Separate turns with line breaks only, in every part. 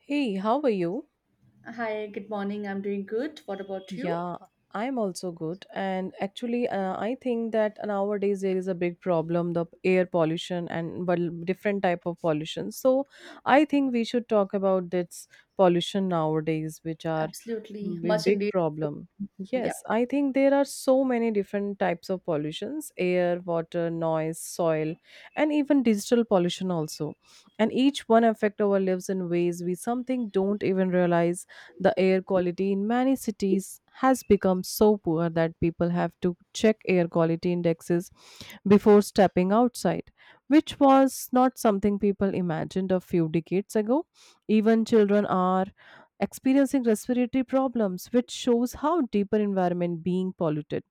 Hey, how are you?
Hi, good morning. I'm doing good. What about you?
Yeah, I'm also good. And actually, I think that nowadays there is a big problem, the air pollution and, well, different type of pollution. So I think we should talk about this pollution nowadays, which are
Absolutely. Much
big
indeed.
problem.
Yeah.
Yes, I think there are so many different types of pollutions, air, water, noise, soil, and even digital pollution also. And each one affect our lives in ways we something don't even realize. The air quality in many cities has become so poor that people have to check air quality indexes before stepping outside, which was not something people imagined a few decades ago. Even children are experiencing respiratory problems, which shows how deeper environment being polluted.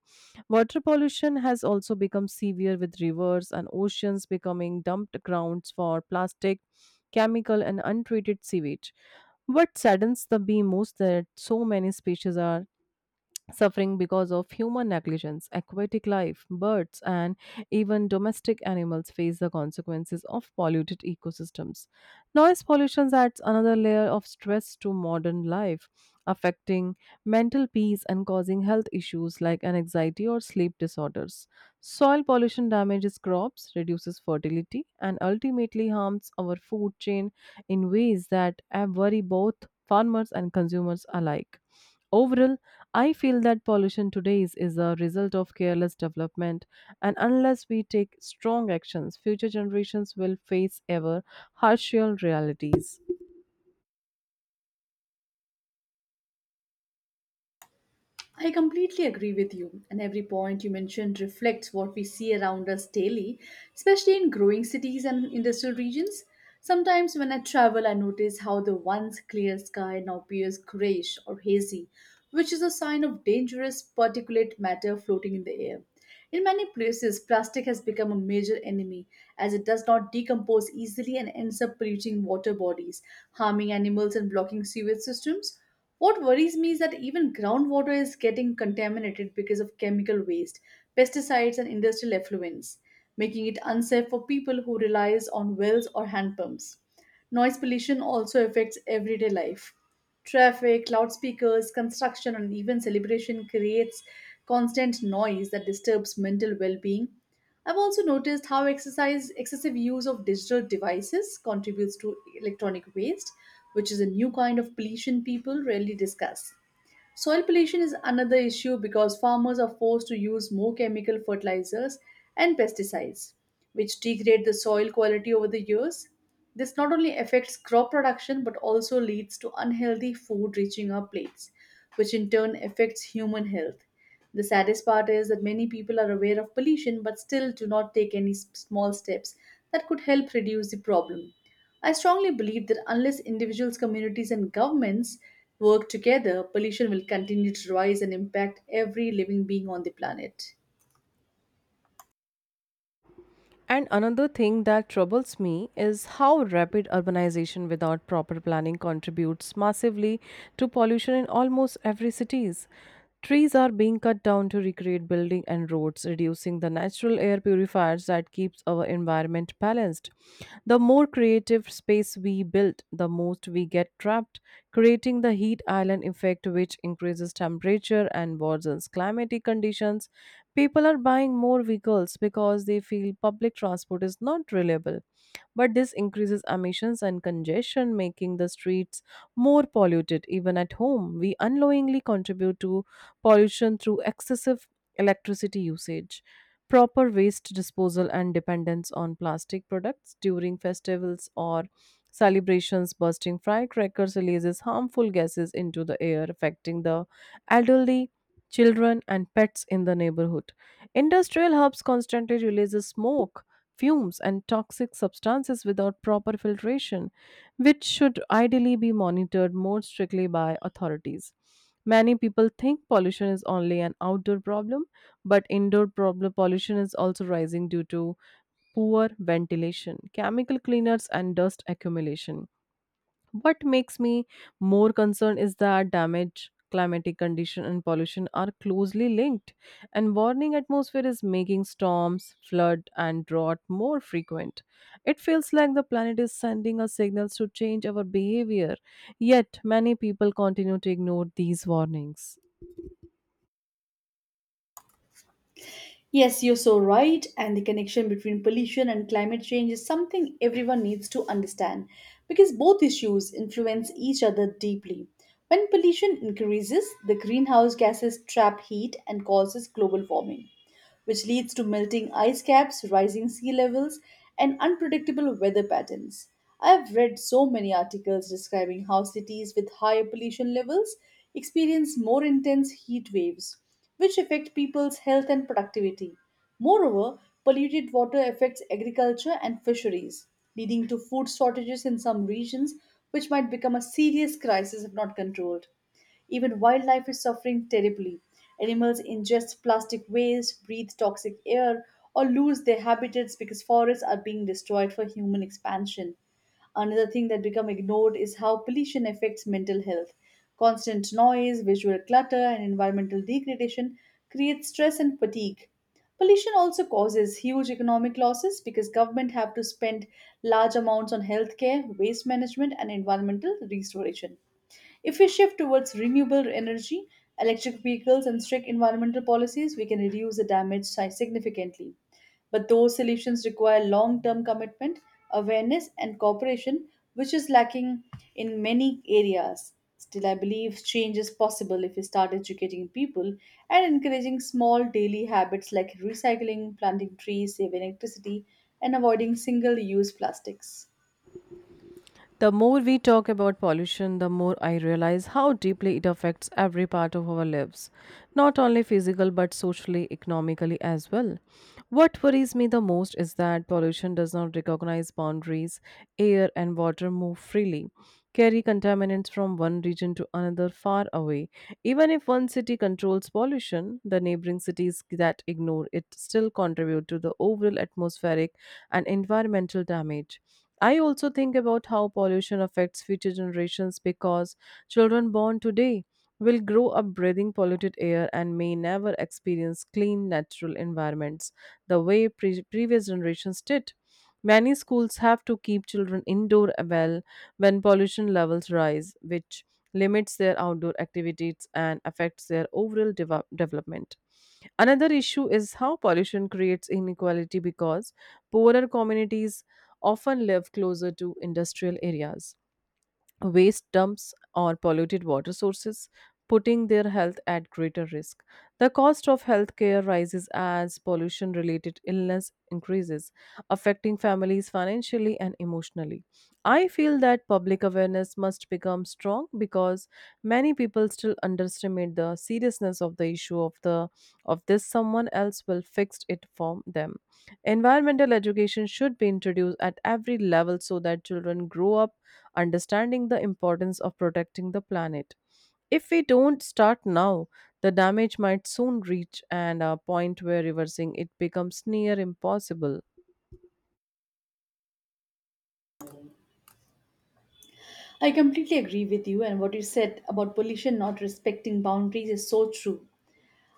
Water pollution has also become severe with rivers and oceans becoming dumped grounds for plastic, chemical and untreated sewage. What saddens the bee most that so many species are suffering because of human negligence, aquatic life, birds, and even domestic animals face the consequences of polluted ecosystems. Noise pollution adds another layer of stress to modern life, affecting mental peace and causing health issues like anxiety or sleep disorders. Soil pollution damages crops, reduces fertility, and ultimately harms our food chain in ways that worry both farmers and consumers alike. Overall, I feel that pollution today is a result of careless development, and unless we take strong actions, future generations will face ever harsher realities.
I completely agree with you, and every point you mentioned reflects what we see around us daily, especially in growing cities and industrial regions. Sometimes when I travel, I notice how the once clear sky now appears grayish or hazy, which is a sign of dangerous particulate matter floating in the air. In many places, plastic has become a major enemy as it does not decompose easily and ends up polluting water bodies, harming animals, and blocking sewage systems. What worries me is that even groundwater is getting contaminated because of chemical waste, pesticides, and industrial effluents, making it unsafe for people who relies on wells or hand pumps. Noise pollution also affects everyday life. Traffic, loudspeakers, construction, and even celebration creates constant noise that disturbs mental well being. I've also noticed how exercise, excessive use of digital devices contributes to electronic waste, which is a new kind of pollution people rarely discuss. Soil pollution is another issue because farmers are forced to use more chemical fertilizers and pesticides, which degrade the soil quality over the years. This not only affects crop production but also leads to unhealthy food reaching our plates, which in turn affects human health. The saddest part is that many people are aware of pollution but still do not take any small steps that could help reduce the problem. I strongly believe that unless individuals, communities, and governments work together, pollution will continue to rise and impact every living being on the planet.
And another thing that troubles me is how rapid urbanization without proper planning contributes massively to pollution in almost every cities. Trees are being cut down to recreate building and roads, reducing the natural air purifiers that keeps our environment balanced. The more creative space we build, the most we get trapped, creating the heat island effect which increases temperature and worsens climatic conditions. People are buying more vehicles because they feel public transport is not reliable. But this increases emissions and congestion, making the streets more polluted. Even at home, we unknowingly contribute to pollution through excessive electricity usage. Proper waste disposal and dependence on plastic products during festivals or celebrations, bursting firecrackers releases harmful gases into the air, affecting the elderly, children, and pets in the neighborhood. Industrial hubs constantly releases smoke, fumes, and toxic substances without proper filtration, which should ideally be monitored more strictly by authorities. Many people think pollution is only an outdoor problem, but indoor problem pollution is also rising due to poor ventilation, chemical cleaners, and dust accumulation. What makes me more concerned is that damage, climatic condition, and pollution are closely linked, and warming atmosphere is making storms, flood, and drought more frequent. It feels like the planet is sending us signals to change our behavior, yet many people continue to ignore these warnings.
Yes, you're so right. And the connection between pollution and climate change is something everyone needs to understand because both issues influence each other deeply. When pollution increases, the greenhouse gases trap heat and causes global warming, which leads to melting ice caps, rising sea levels, and unpredictable weather patterns. I have read so many articles describing how cities with higher pollution levels experience more intense heat waves, which affect people's health and productivity. Moreover, polluted water affects agriculture and fisheries, leading to food shortages in some regions, which might become a serious crisis if not controlled. Even wildlife is suffering terribly. Animals ingest plastic waste, breathe toxic air, or lose their habitats because forests are being destroyed for human expansion. Another thing that become ignored is how pollution affects mental health. Constant noise, visual clutter, and environmental degradation create stress and fatigue. Pollution also causes huge economic losses because government have to spend large amounts on healthcare, waste management, and environmental restoration. If we shift towards renewable energy, electric vehicles, and strict environmental policies, we can reduce the damage significantly. But those solutions require long term commitment, awareness, and cooperation, which is lacking in many areas. Still, I believe change is possible if we start educating people and encouraging small daily habits like recycling, planting trees, saving electricity, and avoiding single use plastics.
The more we talk about pollution, the more I realize how deeply it affects every part of our lives, not only physical but socially, economically as well. What worries me the most is that pollution does not recognize boundaries. Air and water move freely, carry contaminants from one region to another far away. Even if one city controls pollution, the neighboring cities that ignore it still contribute to the overall atmospheric and environmental damage. I also think about how pollution affects future generations because children born today will grow up breathing polluted air and may never experience clean natural environments the way previous generations did. Many schools have to keep children indoor well when pollution levels rise, which limits their outdoor activities and affects their overall development. Another issue is how pollution creates inequality because poorer communities often live closer to industrial areas, waste dumps or polluted water sources, putting their health at greater risk. The cost of healthcare rises as pollution related illness increases, affecting families financially and emotionally. I feel that public awareness must become strong because many people still underestimate the seriousness of the issue of the of this someone else will fix it for them. Environmental education should be introduced at every level so that children grow up understanding the importance of protecting the planet. If we don't start now, the damage might soon reach and a point where reversing it becomes near impossible.
I completely agree with you, and what you said about pollution not respecting boundaries is so true,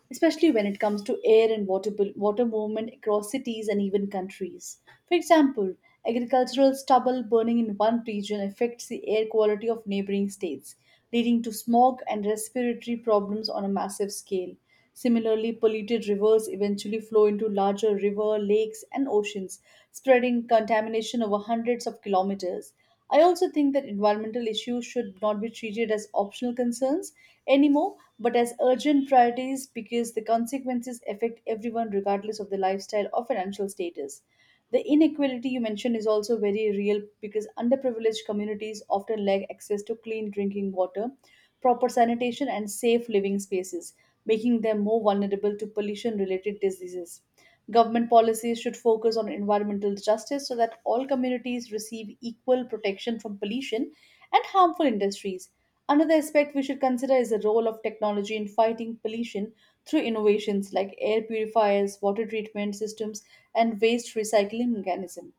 especially when it comes to air and water, water movement across cities and even countries. For example, agricultural stubble burning in one region affects the air quality of neighboring states, leading to smog and respiratory problems on a massive scale. Similarly, polluted rivers eventually flow into larger river, lakes, and oceans, spreading contamination over hundreds of kilometers. I also think that environmental issues should not be treated as optional concerns anymore, but as urgent priorities because the consequences affect everyone regardless of their lifestyle or financial status. The inequality you mentioned is also very real because underprivileged communities often lack access to clean drinking water, proper sanitation, and safe living spaces, making them more vulnerable to pollution related diseases. Government policies should focus on environmental justice so that all communities receive equal protection from pollution and harmful industries. Another aspect we should consider is the role of technology in fighting pollution through innovations like air purifiers, water treatment systems, and waste recycling mechanism.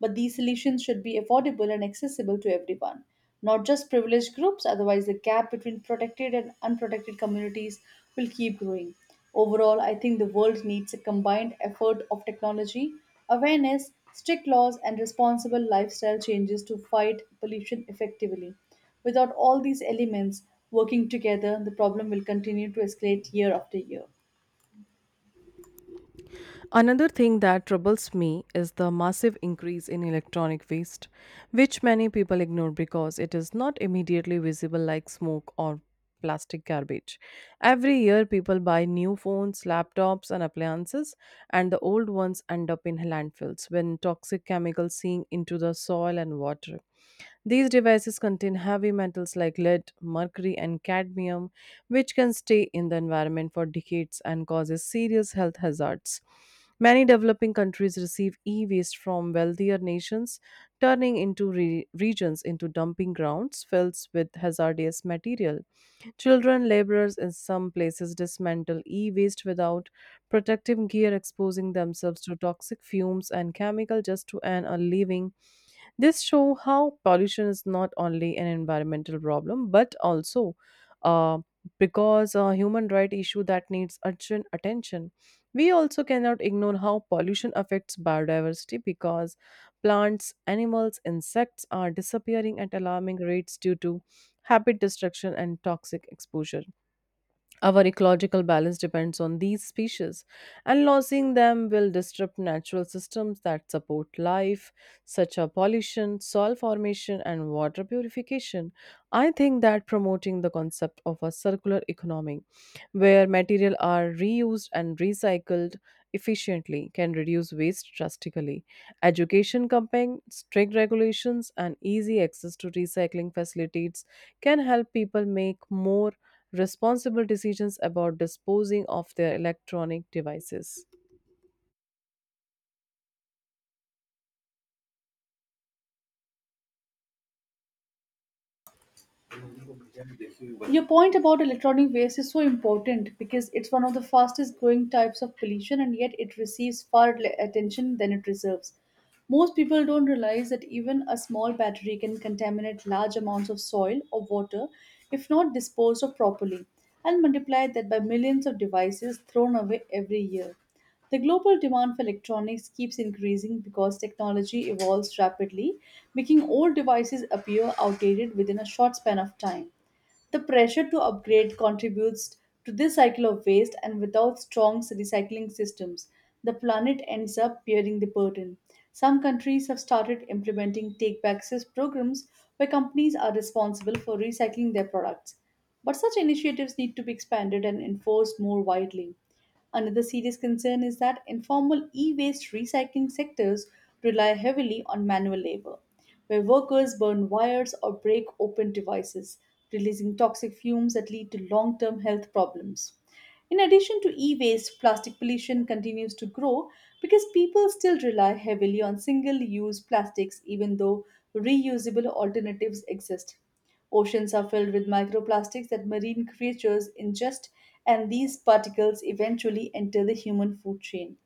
But these solutions should be affordable and accessible to everyone not just privileged groups, otherwise, the gap between protected and unprotected communities will keep growing. Overall, I think the world needs a combined effort of technology, awareness, strict laws, and responsible lifestyle changes to fight pollution effectively. Without all these elements working together, the problem will continue to escalate year after year.
Another thing that troubles me is the massive increase in electronic waste, which many people ignore because it is not immediately visible like smoke or plastic garbage. Every year, people buy new phones, laptops, and appliances, and the old ones end up in landfills when toxic chemicals sink into the soil and water. These devices contain heavy metals like lead, mercury, and cadmium, which can stay in the environment for decades and causes serious health hazards. Many developing countries receive e waste from wealthier nations, turning into regions into dumping grounds filled with hazardous material. Children, laborers in some places dismantle e waste without protective gear, exposing themselves to toxic fumes and chemical just to earn a living. This show how pollution is not only an environmental problem but also, uh, because a human right issue that needs urgent attention. We also cannot ignore how pollution affects biodiversity because plants, animals, insects are disappearing at alarming rates due to habit destruction and toxic exposure. Our ecological balance depends on these species, and losing them will disrupt natural systems that support life, such as pollution, soil formation, and water purification. I think that promoting the concept of a circular economy where material are reused and recycled efficiently can reduce waste drastically. Education campaign, strict regulations and easy access to recycling facilities can help people make more responsible decisions about disposing of their electronic devices.
Your point about electronic waste is so important because it's one of the fastest growing types of pollution and yet it receives far less attention than it deserves. Most people don't realize that even a small battery can contaminate large amounts of soil or water if not disposed of properly, and multiply that by millions of devices thrown away every year. The global demand for electronics keeps increasing because technology evolves rapidly, making old devices appear outdated within a short span of time. The pressure to upgrade contributes to this cycle of waste, and without strong recycling systems, the planet ends up bearing the burden. Some countries have started implementing take back programs where companies are responsible for recycling their products. But such initiatives need to be expanded and enforced more widely. Another serious concern is that informal e waste recycling sectors rely heavily on manual labor where workers burn wires or break open devices, releasing toxic fumes that lead to long term health problems. In addition to e waste, plastic pollution continues to grow because people still rely heavily on single use plastics, even though reusable alternatives exist. Oceans are filled with microplastics that marine creatures ingest, and these particles eventually enter the human food chain,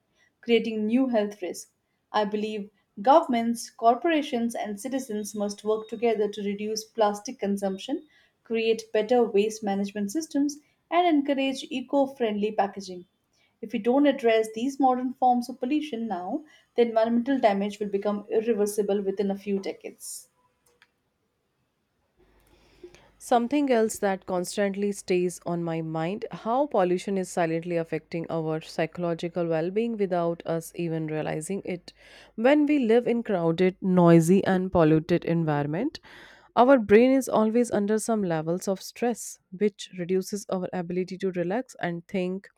creating new health risks. I believe governments, corporations, and citizens must work together to reduce plastic consumption, create better waste management systems, and encourage eco friendly packaging. If we don't address these modern forms of pollution now, the environmental damage will become irreversible within a few decades.
Something else that constantly stays on my mind how pollution is silently affecting our psychological well being without us even realizing it. When we live in crowded, noisy, and polluted environment, our brain is always under some levels of stress, which reduces our ability to relax and think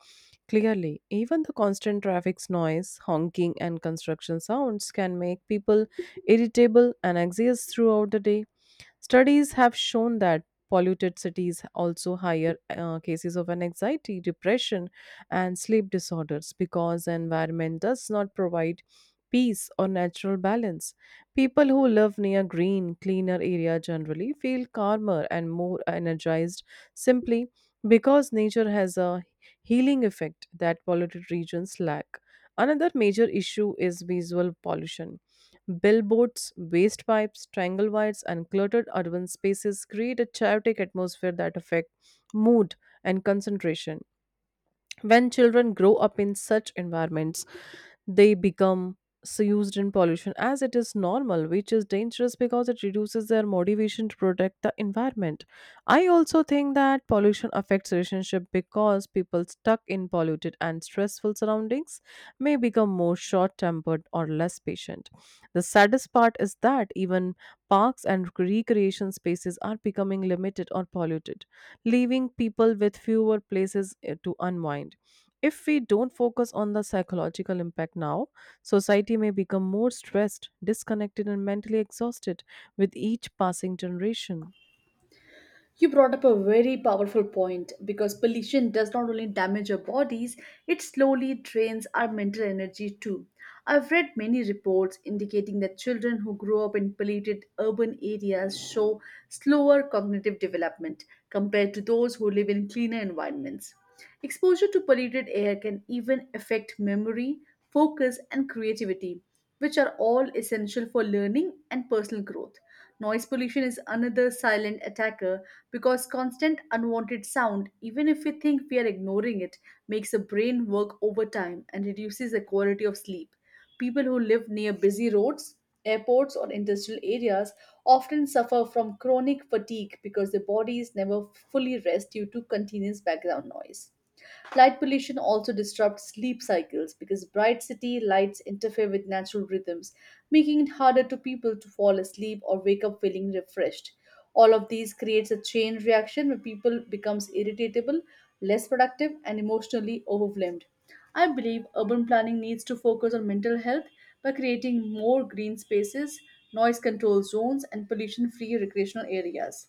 clearly. Even the constant traffic's noise, honking, and construction sounds can make people irritable and anxious throughout the day. Studies have shown that polluted cities also higher cases of an anxiety, depression, and sleep disorders because the environment does not provide peace or natural balance. People who live near green, cleaner area generally feel calmer and more energized simply because nature has a healing effect that polluted regions lack. Another major issue is visual pollution. Billboards, waste pipes, triangle wires, and cluttered urban spaces create a chaotic atmosphere that affect mood and concentration. When children grow up in such environments, they become so used in pollution as it is normal, which is dangerous because it reduces their motivation to protect the environment. I also think that pollution affects relationship because people stuck in polluted and stressful surroundings may become more short-tempered or less patient. The saddest part is that even parks and recreation spaces are becoming limited or polluted, leaving people with fewer places to unwind. If we don't focus on the psychological impact now, society may become more stressed, disconnected, and mentally exhausted with each passing generation.
You brought up a very powerful point because pollution does not only damage our bodies, it slowly drains our mental energy too. I've read many reports indicating that children who grow up in polluted urban areas show slower cognitive development compared to those who live in cleaner environments. Exposure to polluted air can even affect memory, focus, and creativity, which are all essential for learning and personal growth. Noise pollution is another silent attacker because constant unwanted sound, even if we think we are ignoring it, makes the brain work overtime and reduces the quality of sleep. People who live near busy roads, airports, or industrial areas often suffer from chronic fatigue because their bodies never fully rest due to continuous background noise. Light pollution also disrupts sleep cycles because bright city lights interfere with natural rhythms, making it harder to people to fall asleep or wake up feeling refreshed. All of these creates a chain reaction where people becomes irritable, less productive and emotionally overwhelmed. I believe urban planning needs to focus on mental health by creating more green spaces, noise control zones, and pollution free recreational areas.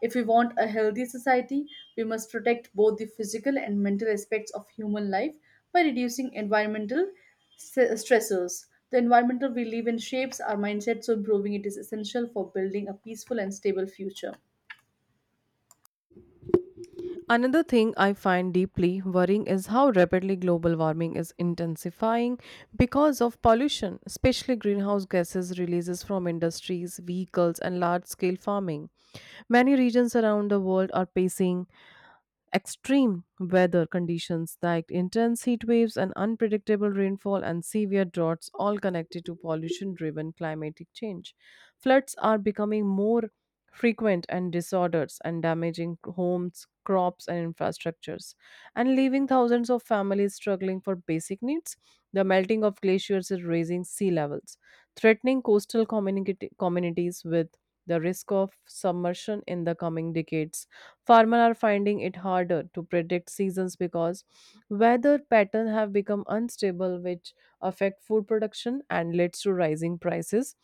If we want a healthy society, we must protect both the physical and mental aspects of human life by reducing environmental stressors. The environment we live in shapes our mindset, so improving it is essential for building a peaceful and stable future.
Another thing I find deeply worrying is how rapidly global warming is intensifying because of pollution, especially greenhouse gases releases from industries, vehicles, and large scale farming. Many regions around the world are facing extreme weather conditions like intense heat waves and unpredictable rainfall and severe droughts, all connected to pollution driven climatic change. Floods are becoming more frequent and disorders and damaging homes, crops, and infrastructures, and leaving thousands of families struggling for basic needs. The melting of glaciers is raising sea levels, threatening coastal communities with the risk of submersion in the coming decades. Farmers are finding it harder to predict seasons because weather patterns have become unstable, which affect food production and leads to rising prices.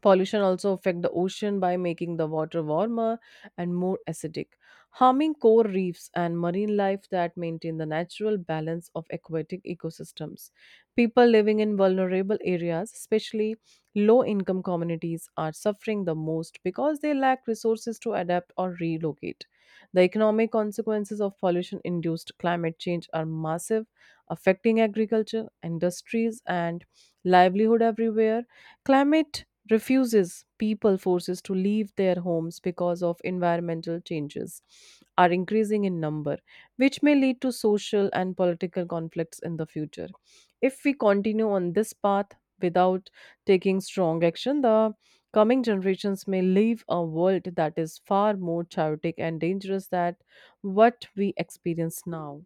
Pollution also affect the ocean by making the water warmer and more acidic, harming core reefs and marine life that maintain the natural balance of aquatic ecosystems. People living in vulnerable areas, especially low-income communities, are suffering the most because they lack resources to adapt or relocate. The economic consequences of pollution-induced climate change are massive, affecting agriculture, industries, and livelihood everywhere. Climate refuses people forces to leave their homes because of environmental changes are increasing in number, which may lead to social and political conflicts in the future. If we continue on this path without taking strong action, the coming generations may leave a world that is far more chaotic and dangerous than what we experience now.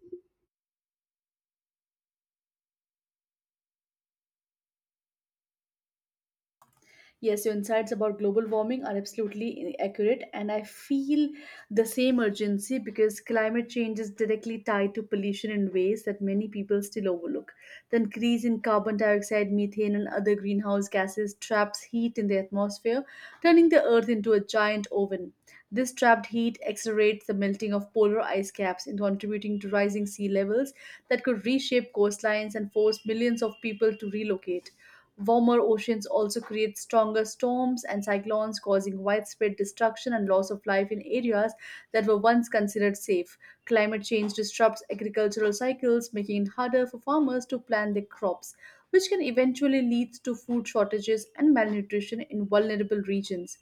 Yes, your insights about global warming are absolutely accurate, and I feel the same urgency because climate change is directly tied to pollution in ways that many people still overlook. The increase in carbon dioxide, methane, and other greenhouse gases traps heat in the atmosphere, turning the Earth into a giant oven. This trapped heat accelerates the melting of polar ice caps and contributing to rising sea levels that could reshape coastlines and force millions of people to relocate. Warmer oceans also create stronger storms and cyclones, causing widespread destruction and loss of life in areas that were once considered safe. Climate change disrupts agricultural cycles, making it harder for farmers to plant their crops, which can eventually lead to food shortages and malnutrition in vulnerable regions.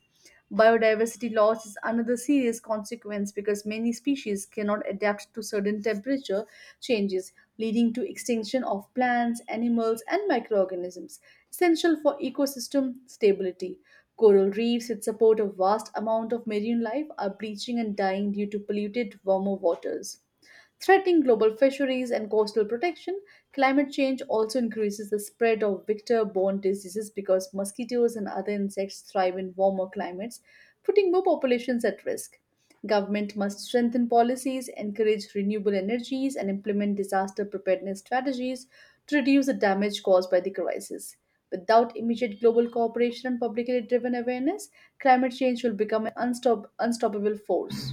Biodiversity loss is another serious consequence because many species cannot adapt to certain temperature changes, leading to extinction of plants, animals, and microorganisms, essential for ecosystem stability. Coral reefs that support a vast amount of marine life are bleaching and dying due to polluted, warmer waters. Threatening global fisheries and coastal protection, climate change also increases the spread of vector borne diseases because mosquitoes and other insects thrive in warmer climates, putting more populations at risk. Government must strengthen policies, encourage renewable energies, and implement disaster preparedness strategies to reduce the damage caused by the crisis. Without immediate global cooperation and publicly driven awareness, climate change will become an unstoppable force.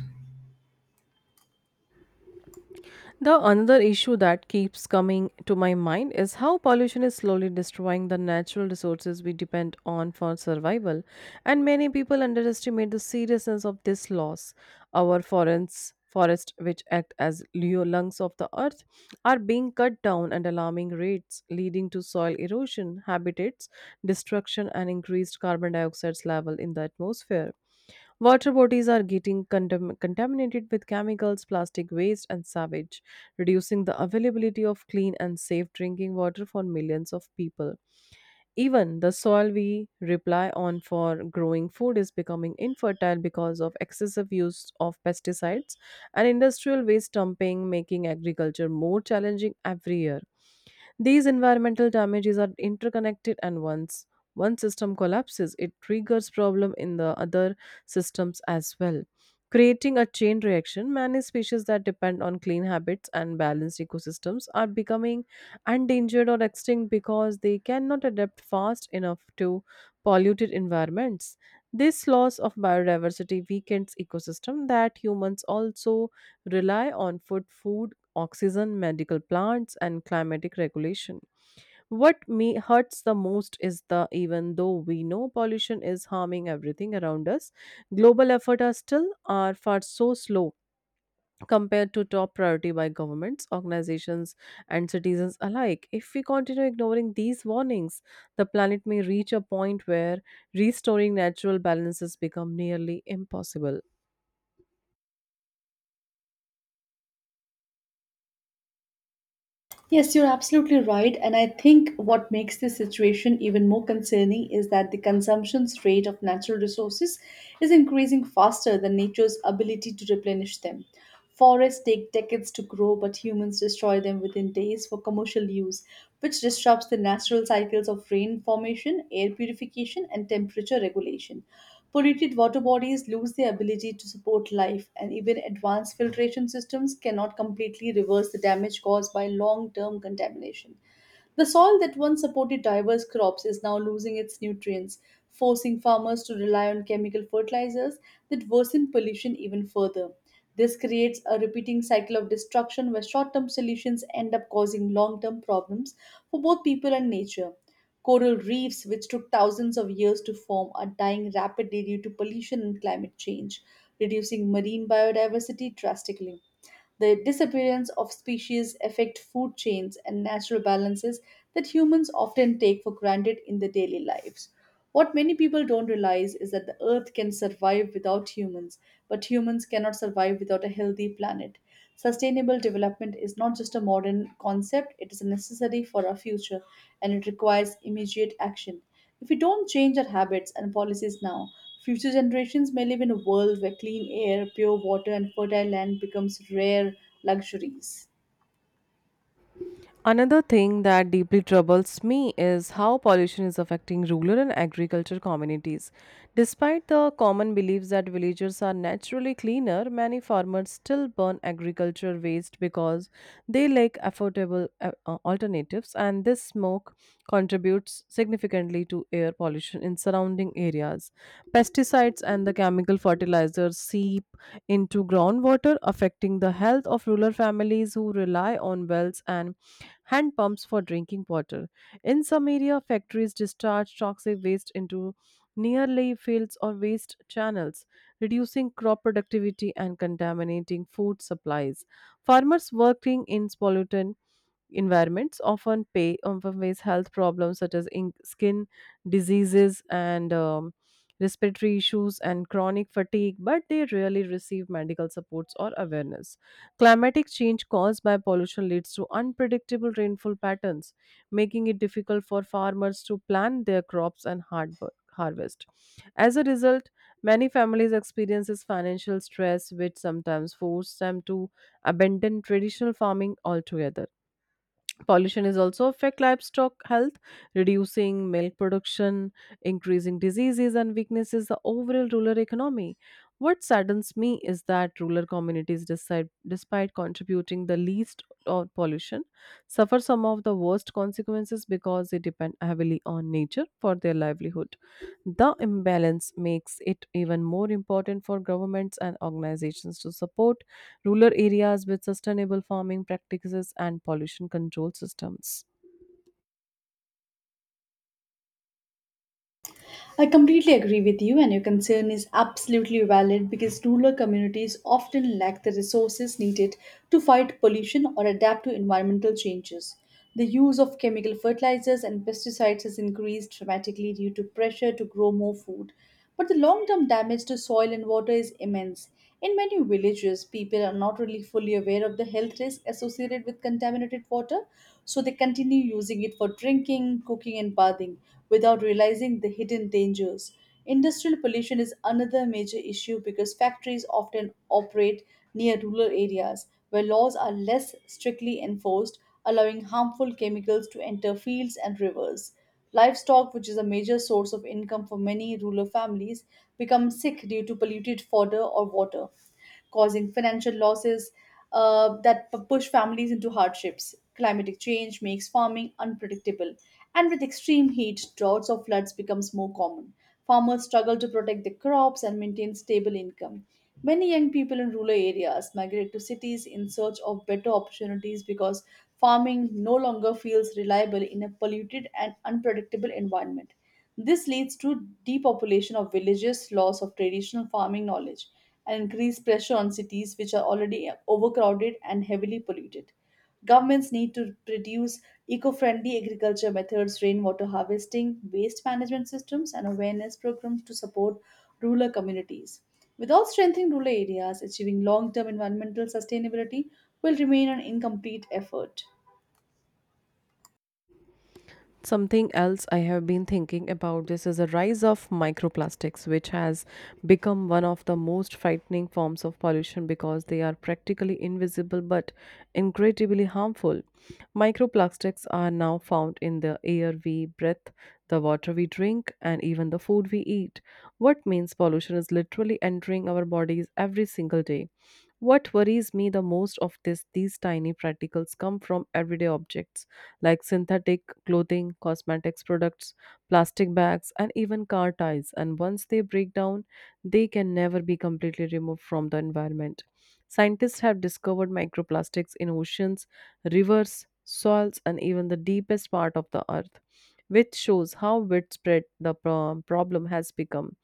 The another issue that keeps coming to my mind is how pollution is slowly destroying the natural resources we depend on for survival, and many people underestimate the seriousness of this loss. Our forests, forests which act as lungs of the earth, are being cut down at alarming rates, leading to soil erosion, habitats destruction, and increased carbon dioxide level in the atmosphere. Water bodies are getting contaminated with chemicals, plastic waste, and sewage, reducing the availability of clean and safe drinking water for millions of people. Even the soil we rely on for growing food is becoming infertile because of excessive use of pesticides and industrial waste dumping, making agriculture more challenging every year. These environmental damages are interconnected, and once one system collapses, it triggers problem in the other systems as well, creating a chain reaction. Many species that depend on clean habits and balanced ecosystems are becoming endangered or extinct because they cannot adapt fast enough to polluted environments. This loss of biodiversity weakens ecosystem that humans also rely on for food, oxygen, medical plants, and climatic regulation. What me hurts the most is the even though we know pollution is harming everything around us, global efforts are still are far so slow compared to top priority by governments, organizations, and citizens alike. If we continue ignoring these warnings, the planet may reach a point where restoring natural balances become nearly impossible.
Yes, you're absolutely right. And I think what makes this situation even more concerning is that the consumption rate of natural resources is increasing faster than nature's ability to replenish them. Forests take decades to grow, but humans destroy them within days for commercial use, which disrupts the natural cycles of rain formation, air purification, and temperature regulation. Polluted water bodies lose their ability to support life, and even advanced filtration systems cannot completely reverse the damage caused by long term contamination. The soil that once supported diverse crops is now losing its nutrients, forcing farmers to rely on chemical fertilizers that worsen pollution even further. This creates a repeating cycle of destruction where short term solutions end up causing long term problems for both people and nature. Coral reefs, which took thousands of years to form, are dying rapidly due to pollution and climate change, reducing marine biodiversity drastically. The disappearance of species affect food chains and natural balances that humans often take for granted in their daily lives. What many people don't realize is that the earth can survive without humans, but humans cannot survive without a healthy planet. Sustainable development is not just a modern concept, it is necessary for our future and it requires immediate action. If we don't change our habits and policies now, future generations may live in a world where clean air, pure water, and fertile land becomes rare luxuries.
Another thing that deeply troubles me is how pollution is affecting rural and agriculture communities. Despite the common beliefs that villagers are naturally cleaner, many farmers still burn agriculture waste because they lack affordable alternatives, and this smoke contributes significantly to air pollution in surrounding areas. Pesticides and the chemical fertilizers seep into groundwater, affecting the health of rural families who rely on wells and hand pumps for drinking water. In some area, factories discharge toxic waste into nearly fields or waste channels, reducing crop productivity and contaminating food supplies. Farmers working in pollutant environments often pay often face health problems such as in skin diseases and respiratory issues and chronic fatigue, but they rarely receive medical supports or awareness. Climatic change caused by pollution leads to unpredictable rainfall patterns, making it difficult for farmers to plan their crops and hard harvest. As a result, many families experiences financial stress, which sometimes force them to abandon traditional farming altogether. Pollution is also affect livestock health, reducing milk production, increasing diseases and weaknesses the overall rural economy. What saddens me is that rural communities decide, despite contributing the least of pollution, suffer some of the worst consequences because they depend heavily on nature for their livelihood. The imbalance makes it even more important for governments and organizations to support rural areas with sustainable farming practices and pollution control systems.
I completely agree with you, and your concern is absolutely valid because rural communities often lack the resources needed to fight pollution or adapt to environmental changes. The use of chemical fertilizers and pesticides has increased dramatically due to pressure to grow more food, but the long term damage to soil and water is immense. In many villages, people are not really fully aware of the health risks associated with contaminated water so they continue using it for drinking, cooking, and bathing without realizing the hidden dangers. Industrial pollution is another major issue because factories often operate near rural areas where laws are less strictly enforced, allowing harmful chemicals to enter fields and rivers. Livestock, which is a major source of income for many rural families, become sick due to polluted fodder or water causing financial losses that push families into hardships. Climatic change makes farming unpredictable, and with extreme heat, droughts or floods becomes more common. Farmers struggle to protect their crops and maintain stable income. Many young people in rural areas migrate to cities in search of better opportunities because farming no longer feels reliable in a polluted and unpredictable environment. This leads to depopulation of villages, loss of traditional farming knowledge, and increased pressure on cities which are already overcrowded and heavily polluted. Governments need to produce eco friendly agriculture methods, rainwater harvesting, waste management systems, and awareness programs to support rural communities. Without strengthening rural areas, achieving long term environmental sustainability will remain an incomplete effort.
Something else I have been thinking about this is the rise of microplastics, which has become one of the most frightening forms of pollution because they are practically invisible but incredibly harmful. Microplastics are now found in the air we breathe, the water we drink, and even the food we eat. What means pollution is literally entering our bodies every single day. What worries me the most of this these tiny particles come from everyday objects like synthetic clothing, cosmetics products, plastic bags, and even car tires, and once they break down they can never be completely removed from the environment. Scientists have discovered microplastics in oceans, rivers, soils, and even the deepest part of the earth, which shows how widespread the problem has become.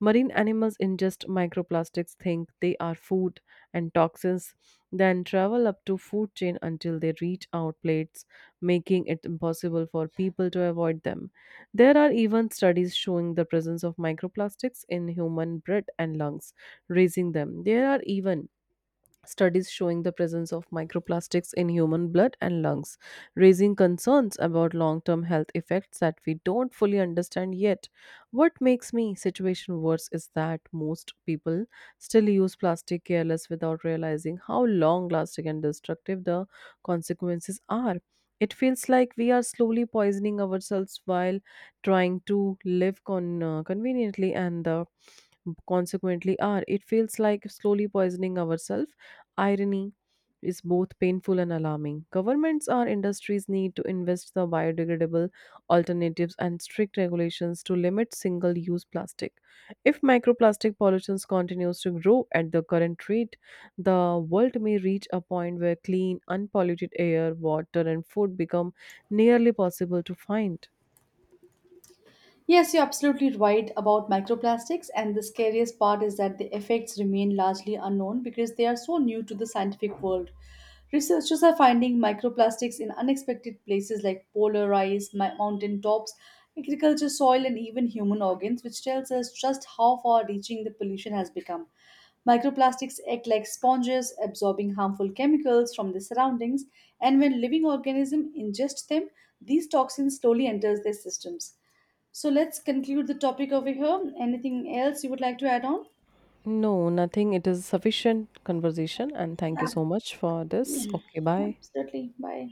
Marine animals ingest microplastics, think they are food, and toxins, then travel up to food chain until they reach our plates, making it impossible for people to avoid them. There are even studies showing the presence of microplastics in human breath and lungs, raising them. There are even studies showing the presence of microplastics in human blood and lungs, raising concerns about long term health effects that we don't fully understand yet. What makes me situation worse is that most people still use plastic careless without realizing how long lasting and destructive the consequences are. It feels like we are slowly poisoning ourselves while trying to live conveniently, and the consequently are. It feels like slowly poisoning ourselves. Irony is both painful and alarming. Governments or industries need to invest the biodegradable alternatives and strict regulations to limit single-use plastic. If microplastic pollution continues to grow at the current rate, the world may reach a point where clean, unpolluted air, water, and food become nearly possible to find.
Yes, you're absolutely right about microplastics, and the scariest part is that the effects remain largely unknown because they are so new to the scientific world. Researchers are finding microplastics in unexpected places like polar ice, mountain tops, agriculture soil, and even human organs, which tells us just how far reaching the pollution has become. Microplastics act like sponges, absorbing harmful chemicals from the surroundings, and when living organisms ingest them, these toxins slowly enters their systems. So let's conclude the topic over here. Anything else you would like to add on?
No, nothing. It is sufficient conversation, and thank you so
Ab-
much for this.
Yeah,
Okay, bye.
absolutely. Bye.